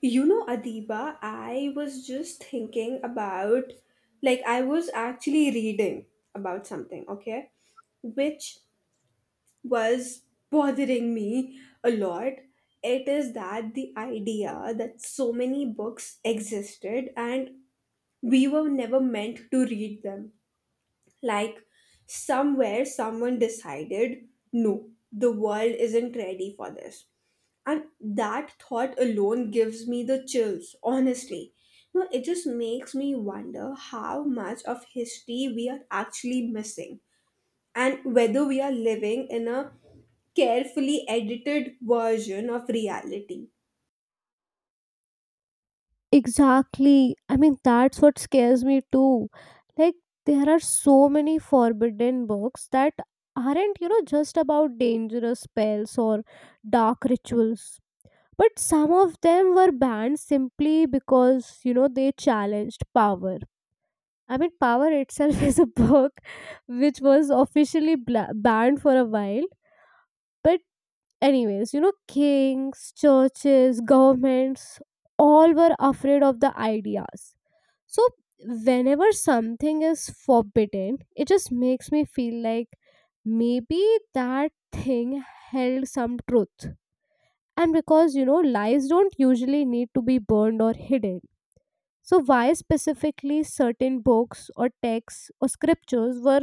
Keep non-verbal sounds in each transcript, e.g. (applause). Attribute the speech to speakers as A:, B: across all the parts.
A: You know, Adiba, I was just thinking about, like, I was actually reading about something, okay, which was bothering me a lot. It is that the idea that so many books existed and we were never meant to read them. Like somewhere someone decided, no, the world isn't ready for this. And that thought alone gives me the chills, honestly. No, it just makes me wonder how much of history we are actually missing and whether we are living in a carefully edited version of reality.
B: Exactly. I mean, that's what scares me too. Like, there are so many forbidden books that aren't, just about dangerous spells or dark rituals. But some of them were banned simply because, they challenged power. I mean, Power itself (laughs) is a book which was officially banned for a while. But Anyways, you know, kings, churches, governments, all were afraid of the ideas. So, whenever something is forbidden, it just makes me feel like maybe that thing held some truth. And because, lies don't usually need to be burned or hidden. So, why specifically certain books or texts or scriptures were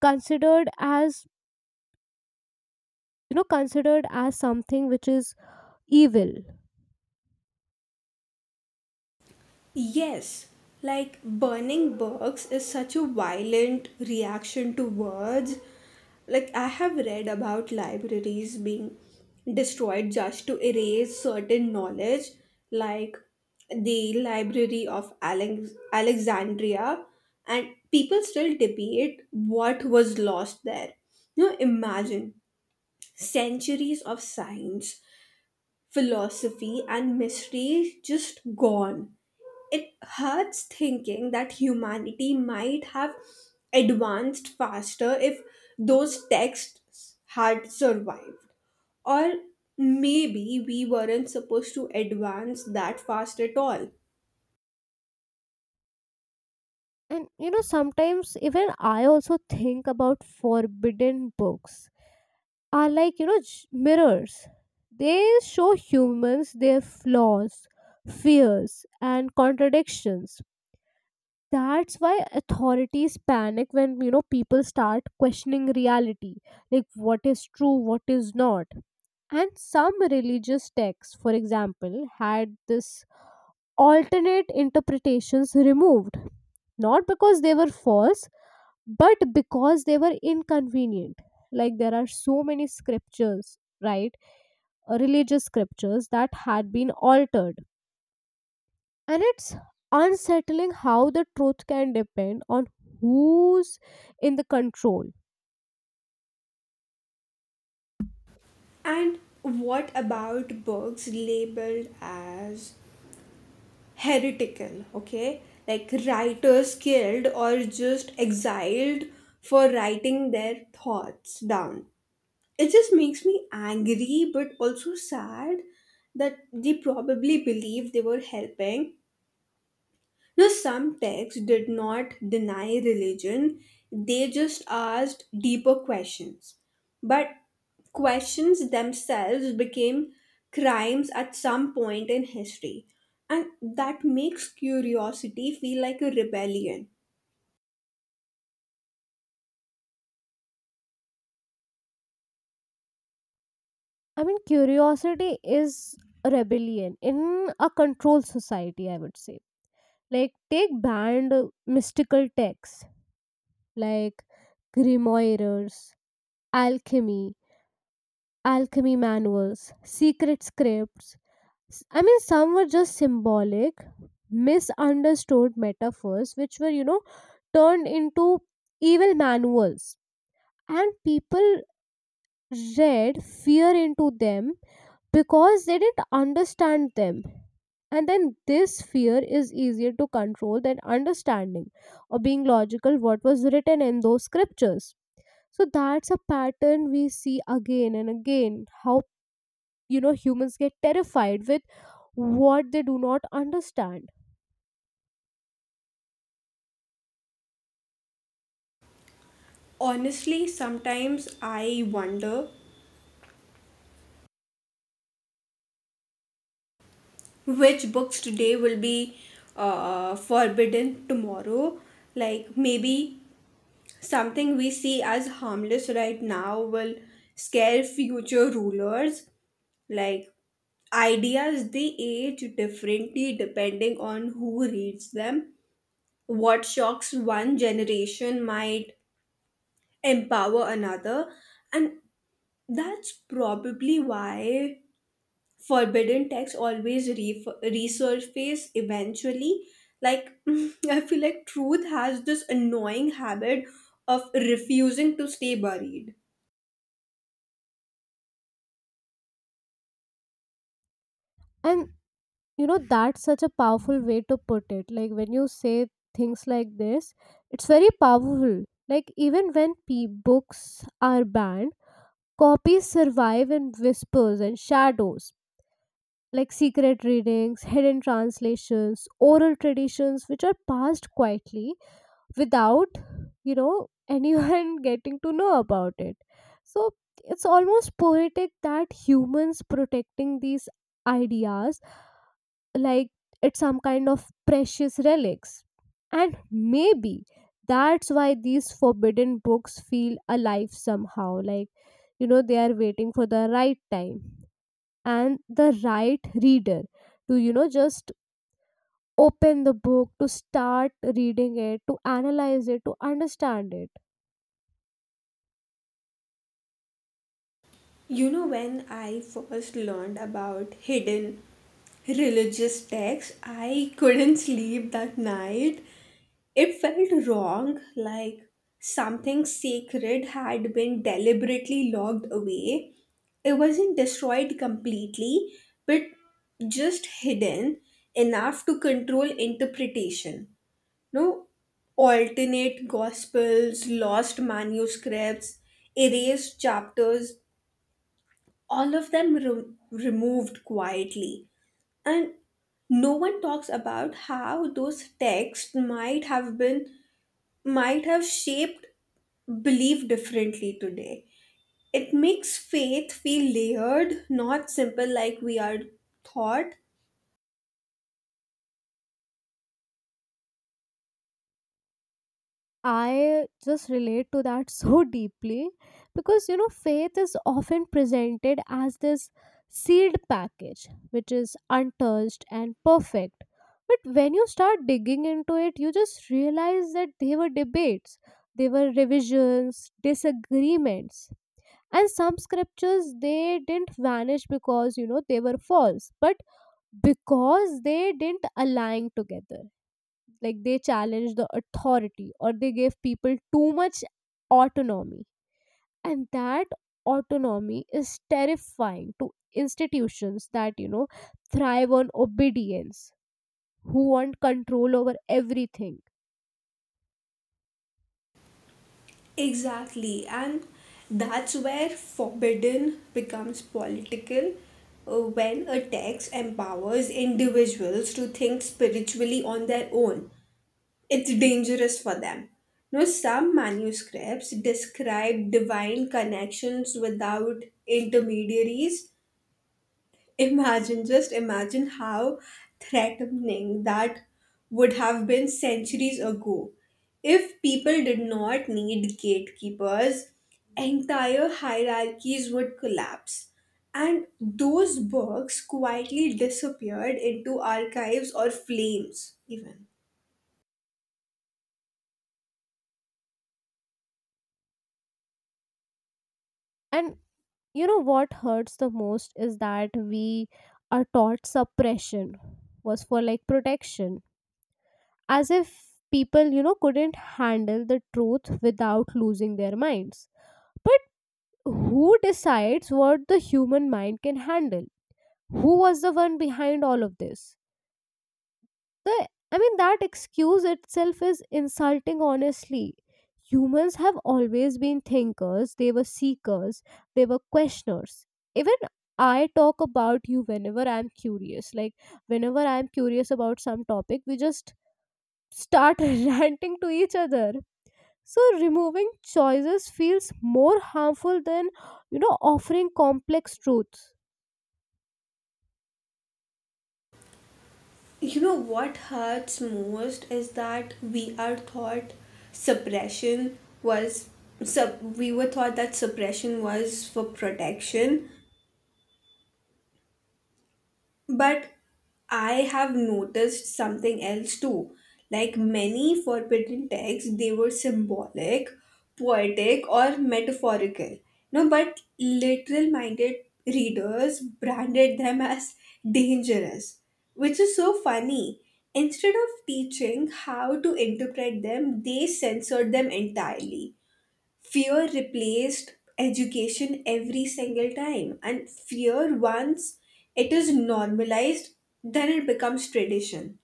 B: considered as, considered as something which is evil?
A: Yes, like burning books is such a violent reaction to words. Like, I have read about libraries being destroyed just to erase certain knowledge, like the Library of Alexandria, and people still debate what was lost there. Now, imagine centuries of science, philosophy, and mystery just gone. It hurts thinking that humanity might have advanced faster if those texts had survived. Or maybe we weren't supposed to advance that fast at all.
B: And you know, sometimes even I also think about forbidden books are like, mirrors. They show humans their flaws, fears, and contradictions. That's why authorities panic when, you know, people start questioning reality, like what is true, what is not. And some religious texts, for example, had this alternate interpretations removed, not because they were false but because they were inconvenient. Like there are so many scriptures, right, religious scriptures that had been altered, and it's unsettling how the truth can depend on who's in the control.
A: And what about books labeled as heretical, okay? Like writers killed or just exiled for writing their thoughts down? It just makes me angry but also sad that they probably believed they were helping. Now, some texts did not deny religion, they just asked deeper questions. But questions themselves became crimes at some point in history. And that makes curiosity feel like a rebellion.
B: I mean, curiosity is a rebellion in a controlled society, I would say. Like take banned mystical texts like grimoires, alchemy alchemy manuals, secret scripts. I mean, some were just symbolic misunderstood metaphors which were, you know, turned into evil manuals, and people read fear into them because they didn't understand them. And then this fear is easier to control than understanding, or being logical what was written in those scriptures. So that's a pattern we see again and again, how, you know, humans get terrified with what they do not understand.
A: Honestly, sometimes I wonder which books today will be forbidden tomorrow. Like maybe something we see as harmless right now will scare future rulers. Like ideas, they age differently depending on who reads them. What shocks one generation might empower another, and that's probably why forbidden texts always resurface eventually. Like, (laughs) I feel like truth has this annoying habit of refusing to stay buried.
B: And you know, that's such a powerful way to put it. Like when you say things like this, it's very powerful. Like even when books are banned, copies survive in whispers and shadows, like secret readings, hidden translations, oral traditions which are passed quietly without, you know anyone (laughs) getting to know about it. So it's almost poetic that humans protecting these ideas, like it's some kind of precious relics. And maybe that's why these forbidden books feel alive somehow. Like, they are waiting for the right time and the right reader to, just open the book, to start reading it, to analyze it, to understand it.
A: You know, when I first learned about hidden religious texts, I couldn't sleep that night. It felt wrong, like something sacred had been deliberately locked away. It wasn't destroyed completely, but just hidden enough to control interpretation. No, alternate gospels, lost manuscripts, erased chapters, all of them removed quietly. And no one talks about how those texts might have shaped belief differently today. It makes faith feel layered, not simple like we are taught.
B: I just relate to that so (laughs) deeply, because you know, faith is often presented as this sealed package which is untouched and perfect. But when you start digging into it, you just realize that they were debates, they were revisions, disagreements. And some scriptures, they didn't vanish because you know they were false, but because they didn't align together, like they challenge the authority or they give people too much autonomy. And that autonomy is terrifying to institutions that, thrive on obedience, who want control over everything.
A: Exactly. And that's where forbidden becomes political, when a text empowers individuals to think spiritually on their own. It's dangerous for them. Now, some manuscripts describe divine connections without intermediaries. Imagine, just imagine how threatening that would have been centuries ago. If people did not need gatekeepers, entire hierarchies would collapse. And those books quietly disappeared into archives or flames, even.
B: And you know what hurts the most is that we are taught suppression was for like protection, as if people, couldn't handle the truth without losing their minds. But who decides what the human mind can handle, who was the one behind all of this, the, I mean that excuse itself is insulting, honestly. Humans have always been thinkers, they were seekers, they were questioners. Even I talk about you whenever I'm curious. Like whenever I'm curious about some topic, we just start (laughs) ranting to each other. So removing choices feels more harmful than, offering complex truths.
A: You know what hurts most is that we are taught suppression was sup we were taught that suppression was for protection, but I have noticed something else too. Like many forbidden texts, they were symbolic, poetic, or metaphorical. No, but literal minded readers branded them as dangerous, which is so funny. Instead of teaching how to interpret them, they censored them entirely. Fear replaced education every single time, and fear once it is normalized then it becomes tradition.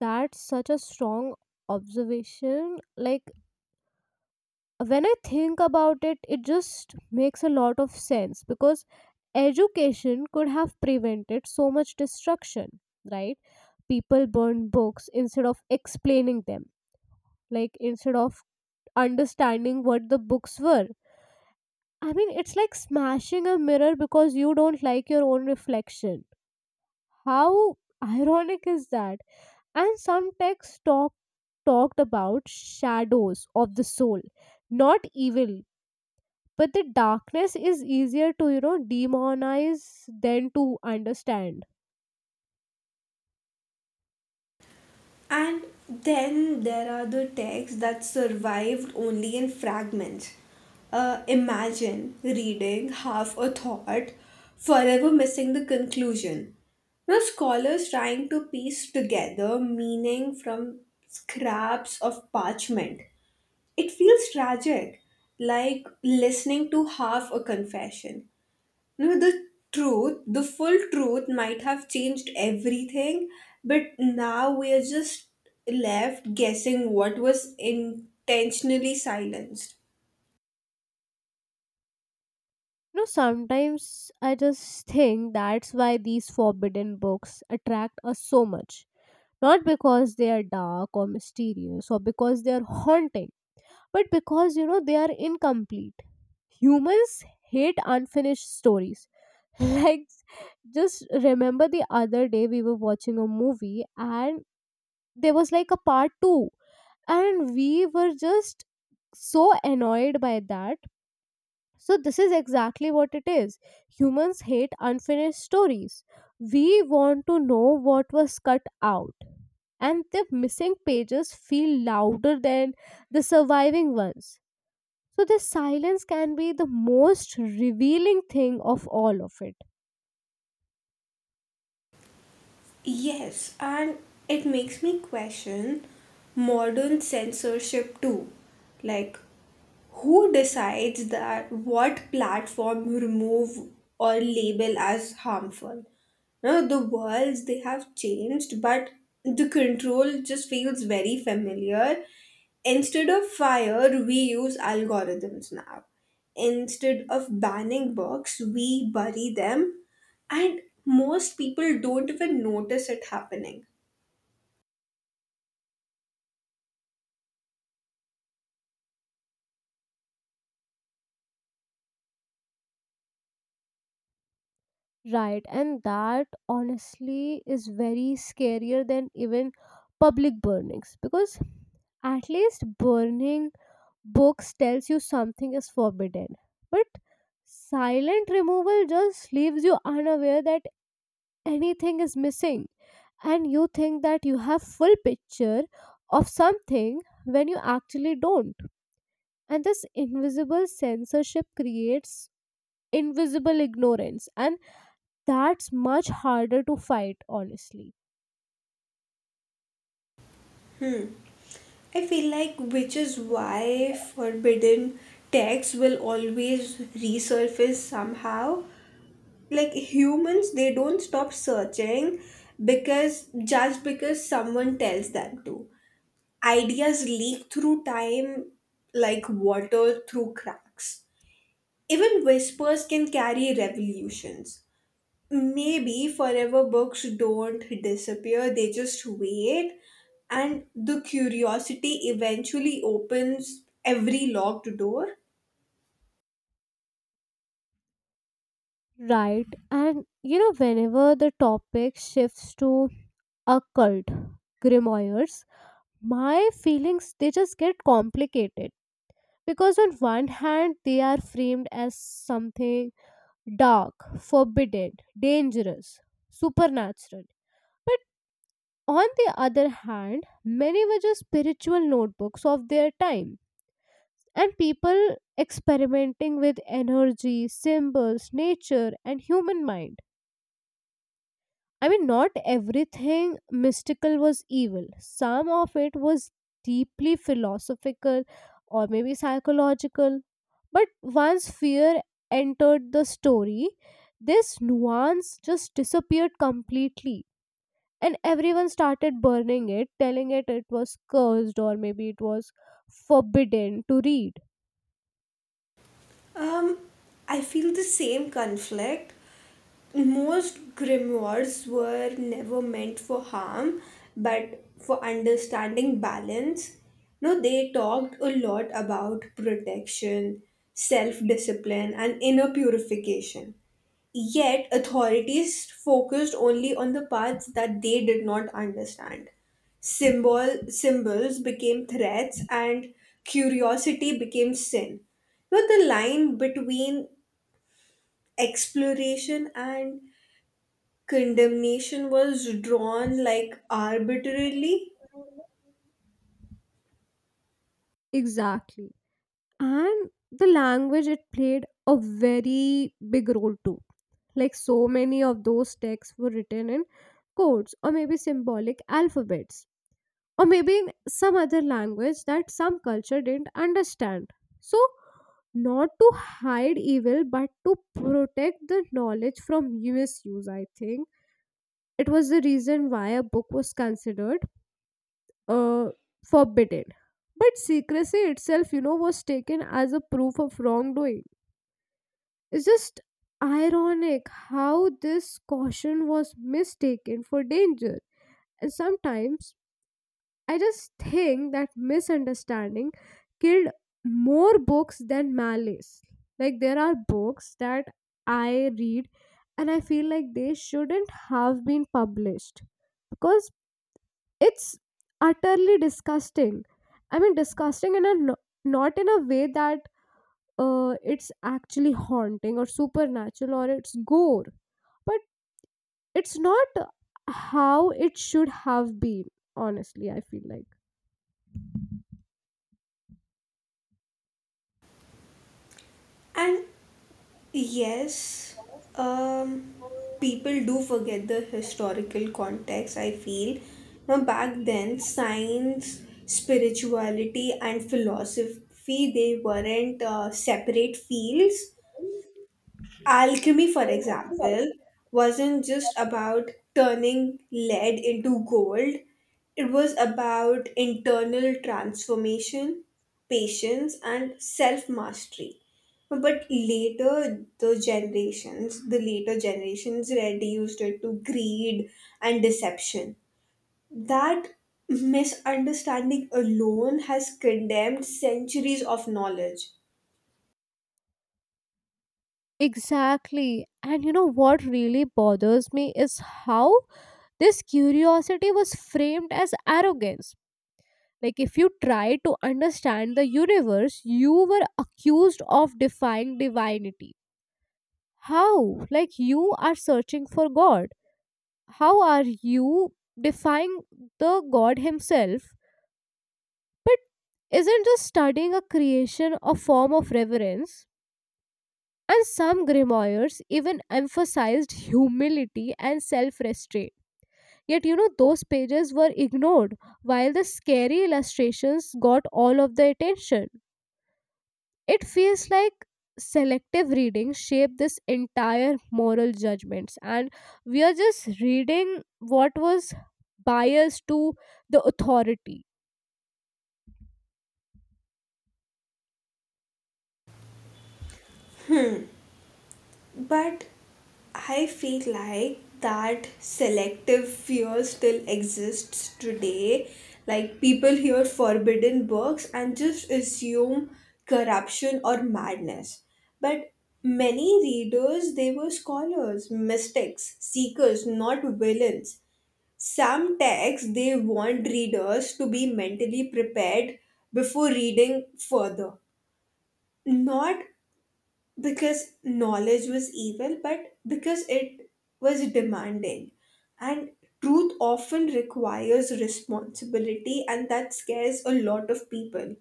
B: That's such a strong observation. Like when I think about it, it just makes a lot of sense, because education could have prevented so much destruction, right? People burn books instead of explaining them, like instead of understanding what the books were. I mean, it's like smashing a mirror because you don't like your own reflection. How ironic is that? And some texts talked about shadows of the soul, not evil. But the darkness is easier to, demonize than to understand.
A: And then there are the texts that survived only in fragments. Imagine reading half a thought, forever missing the conclusion. Now scholars trying to piece together meaning from scraps of parchment. It feels tragic, like listening to half a confession. No, the truth, the full truth might have changed everything, but now we are just left guessing what was intentionally silenced.
B: You know, sometimes I just think that's why these forbidden books attract us so much. Not because they are dark or mysterious or because they are haunting, but because, they are incomplete. Humans hate unfinished stories (laughs) like, just remember the other day we were watching a movie and there was like a part 2, and we were just so annoyed by that. So this is exactly what it is. Humans hate unfinished stories, we want to know what was cut out, and the missing pages feel louder than the surviving ones. So the silence can be the most revealing thing of all of it.
A: Yes, and it makes me question modern censorship too. Like, who decides that what platform you remove or label as harmful? No, the worlds they have changed, but the control just feels very familiar. Instead of fire, we use algorithms now. Instead of banning books, we bury them. And most people don't even notice it happening.
B: Right, and that honestly is very scarier than even public burnings, because at least burning books tells you something is forbidden. But silent removal just leaves you unaware that anything is missing, and you think that you have full picture of something when you actually don't. And this invisible censorship creates invisible ignorance, and that's much harder to fight, honestly.
A: I feel like, which is why forbidden texts will always resurface somehow. Like humans, they don't stop searching because just because someone tells them to. Ideas leak through time like water through cracks. Even whispers can carry revolutions. Maybe forever books don't disappear, they just wait, and the curiosity eventually opens every locked door.
B: Right, and you know, whenever the topic shifts to occult, grimoires, my feelings, they just get complicated, because on one hand they are framed as something dark, forbidden, dangerous, supernatural. But on the other hand, many were just spiritual notebooks of their time, and people experimenting with energy, symbols, nature, and human mind. I mean, not everything mystical was evil. Some of it was deeply philosophical or maybe psychological. But once fear entered the story, this nuance just disappeared completely. And everyone started burning it, telling it it was cursed, or maybe it was forbidden to read.
A: Um, I feel the same conflict. Most grimoires were never meant for harm, but for understanding balance. No, they talked a lot about protection, self discipline, and inner purification. Yet, authorities focused only on the parts that they did not understand. Symbols became threats and curiosity became sin. But the line between exploration and condemnation was drawn like arbitrarily,
B: Exactly. And the language, it played a very big role too. Like so many of those texts were written in codes, or maybe symbolic alphabets, or maybe in some other language that some culture didn't understand. So, not to hide evil but to protect the knowledge from misuse, I think it was the reason why a book was considered uh, forbidden. But secrecy itself, you know, was taken as a proof of wrongdoing. It's just ironic how this caution was mistaken for danger. And sometimes I just think that misunderstanding killed more books than malice. Like there are books that I read and I feel like they shouldn't have been published, because it's utterly disgusting. I mean, disgusting in a not in a way that it's actually haunting or supernatural or it's gore, but it's not how it should have been, honestly, I feel like.
A: and yes, um, people do forget the historical context, I feel. Now, back then, science, spirituality, and philosophy, they weren't separate fields. Alchemy, for example, wasn't just about turning lead into gold, it was about internal transformation, patience, and self mastery. But later, the later generations reduced it to greed and deception. That misunderstanding alone has condemned centuries of knowledge.
B: Exactly. And you know what really bothers me is how this curiosity was framed as arrogance. Like, if you try to understand the universe, you were accused of defying divinity. How? Like, you are searching for God. How are you defying the God Himself? Isn't just studying a creation a form of reverence? And some grimoires even emphasized humility and self restraint. Yet, you know, those pages were ignored while the scary illustrations got all of the attention. It feels like selective reading shaped this entire moral judgments, and we are just reading what was biased to the authority.
A: But I feel like that selective fear still exists today. Like people hear forbidden books and just assume corruption or madness. But many readers, they were scholars, mystics, seekers, not villains. Some texts, they want readers to be mentally prepared before reading further, not because knowledge was evil, but because it was demanding. And truth often requires responsibility, and that scares a lot of people.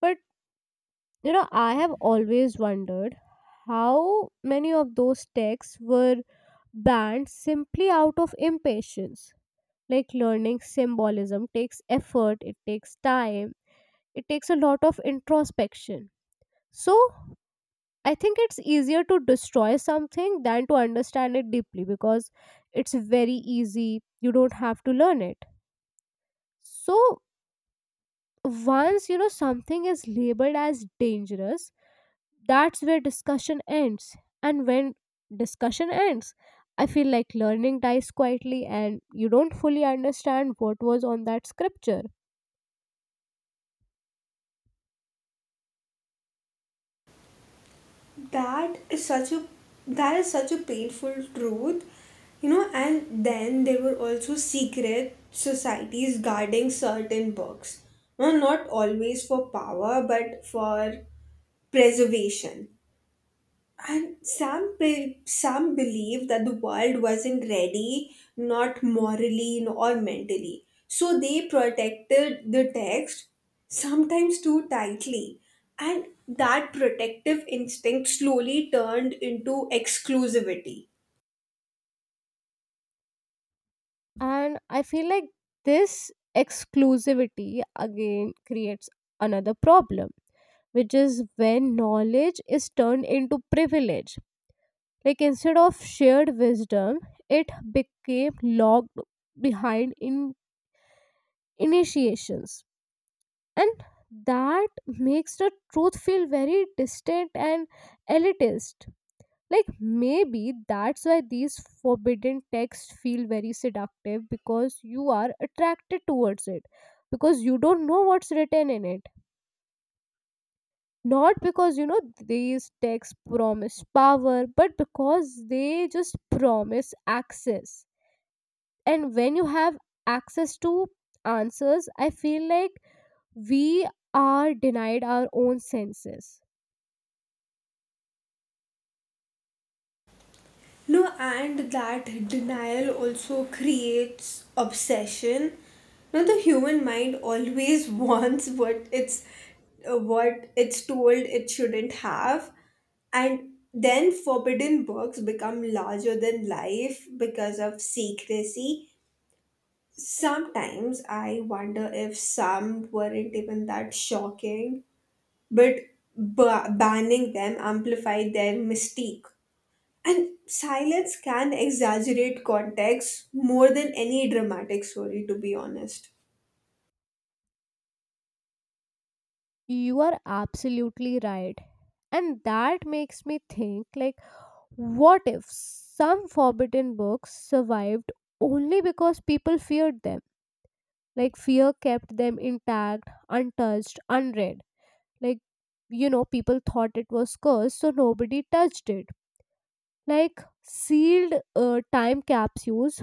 B: But, you know, I have always wondered how many of those texts were banned simply out of impatience. Like learning symbolism takes effort, it takes time, it takes a lot of introspection. So, I think it's easier to destroy something than to understand it deeply, because it's very easy. You don't have to learn it. So, once you know something is labeled as dangerous, that's where discussion ends. And when discussion ends, I feel like learning dies quietly, and you don't fully understand what was on that scripture.
A: That is such a that is such a painful truth, you know. And then there were also secret societies guarding certain books. Now, not always for power, but for preservation. And some some believed that the world wasn't ready, not morally nor mentally. So they protected the text sometimes too tightly. And that protective instinct slowly turned into exclusivity.
B: And I feel like this exclusivity again creates another problem, which is when knowledge is turned into privilege. Like instead of shared wisdom, it became locked behind in initiations. And that makes the truth feel very distant and elitist. Like maybe that's why these forbidden texts feel very seductive, because you are attracted towards it because you don't know what's written in it. Not because, these texts promise power, but because they just promise access. And when you have access to answers, I feel like we are denied our own senses.
A: No, and that denial also creates obsession. Now, the human mind always (laughs) wants what it's told it shouldn't have, and then forbidden books become larger than life because of secrecy. Sometimes I wonder if some weren't even that shocking, but banning them amplified their mystique. And silence can exaggerate context more than any dramatic story, to be honest.
B: You are absolutely right. And that makes me think like, what if some forbidden books survived only because people feared them? Like, fear kept them intact, untouched, unread. Like, you know, people thought it was cursed, so nobody touched it. Like, sealed time capsules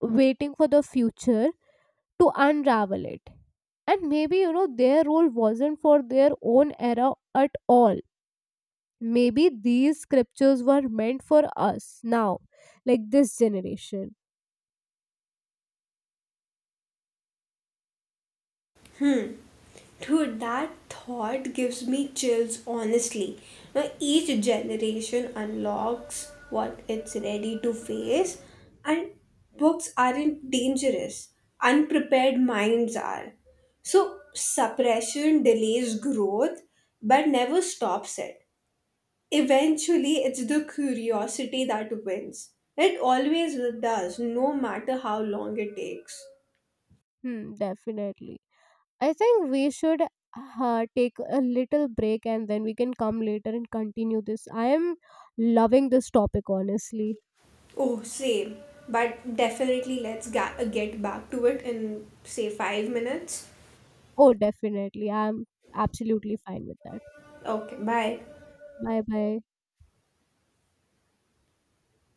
B: waiting for the future to unravel it. And maybe, their role wasn't for their own era at all. Maybe these scriptures were meant for us now, like this generation.
A: Hmm. Dude, that thought gives me chills, honestly. Now, each generation unlocks what it's ready to face, and books aren't dangerous. Unprepared minds are. So, suppression delays growth but never stops it. Eventually, it's the curiosity that wins. It always does, no matter how long it takes.
B: Hmm, definitely. I think we should take a little break and then we can come later and continue this. I am loving this topic, honestly.
A: Oh, same. But definitely, let's get back to it in, say, 5 minutes.
B: Oh, definitely. I'm absolutely fine with that.
A: Okay, bye.
B: Bye bye.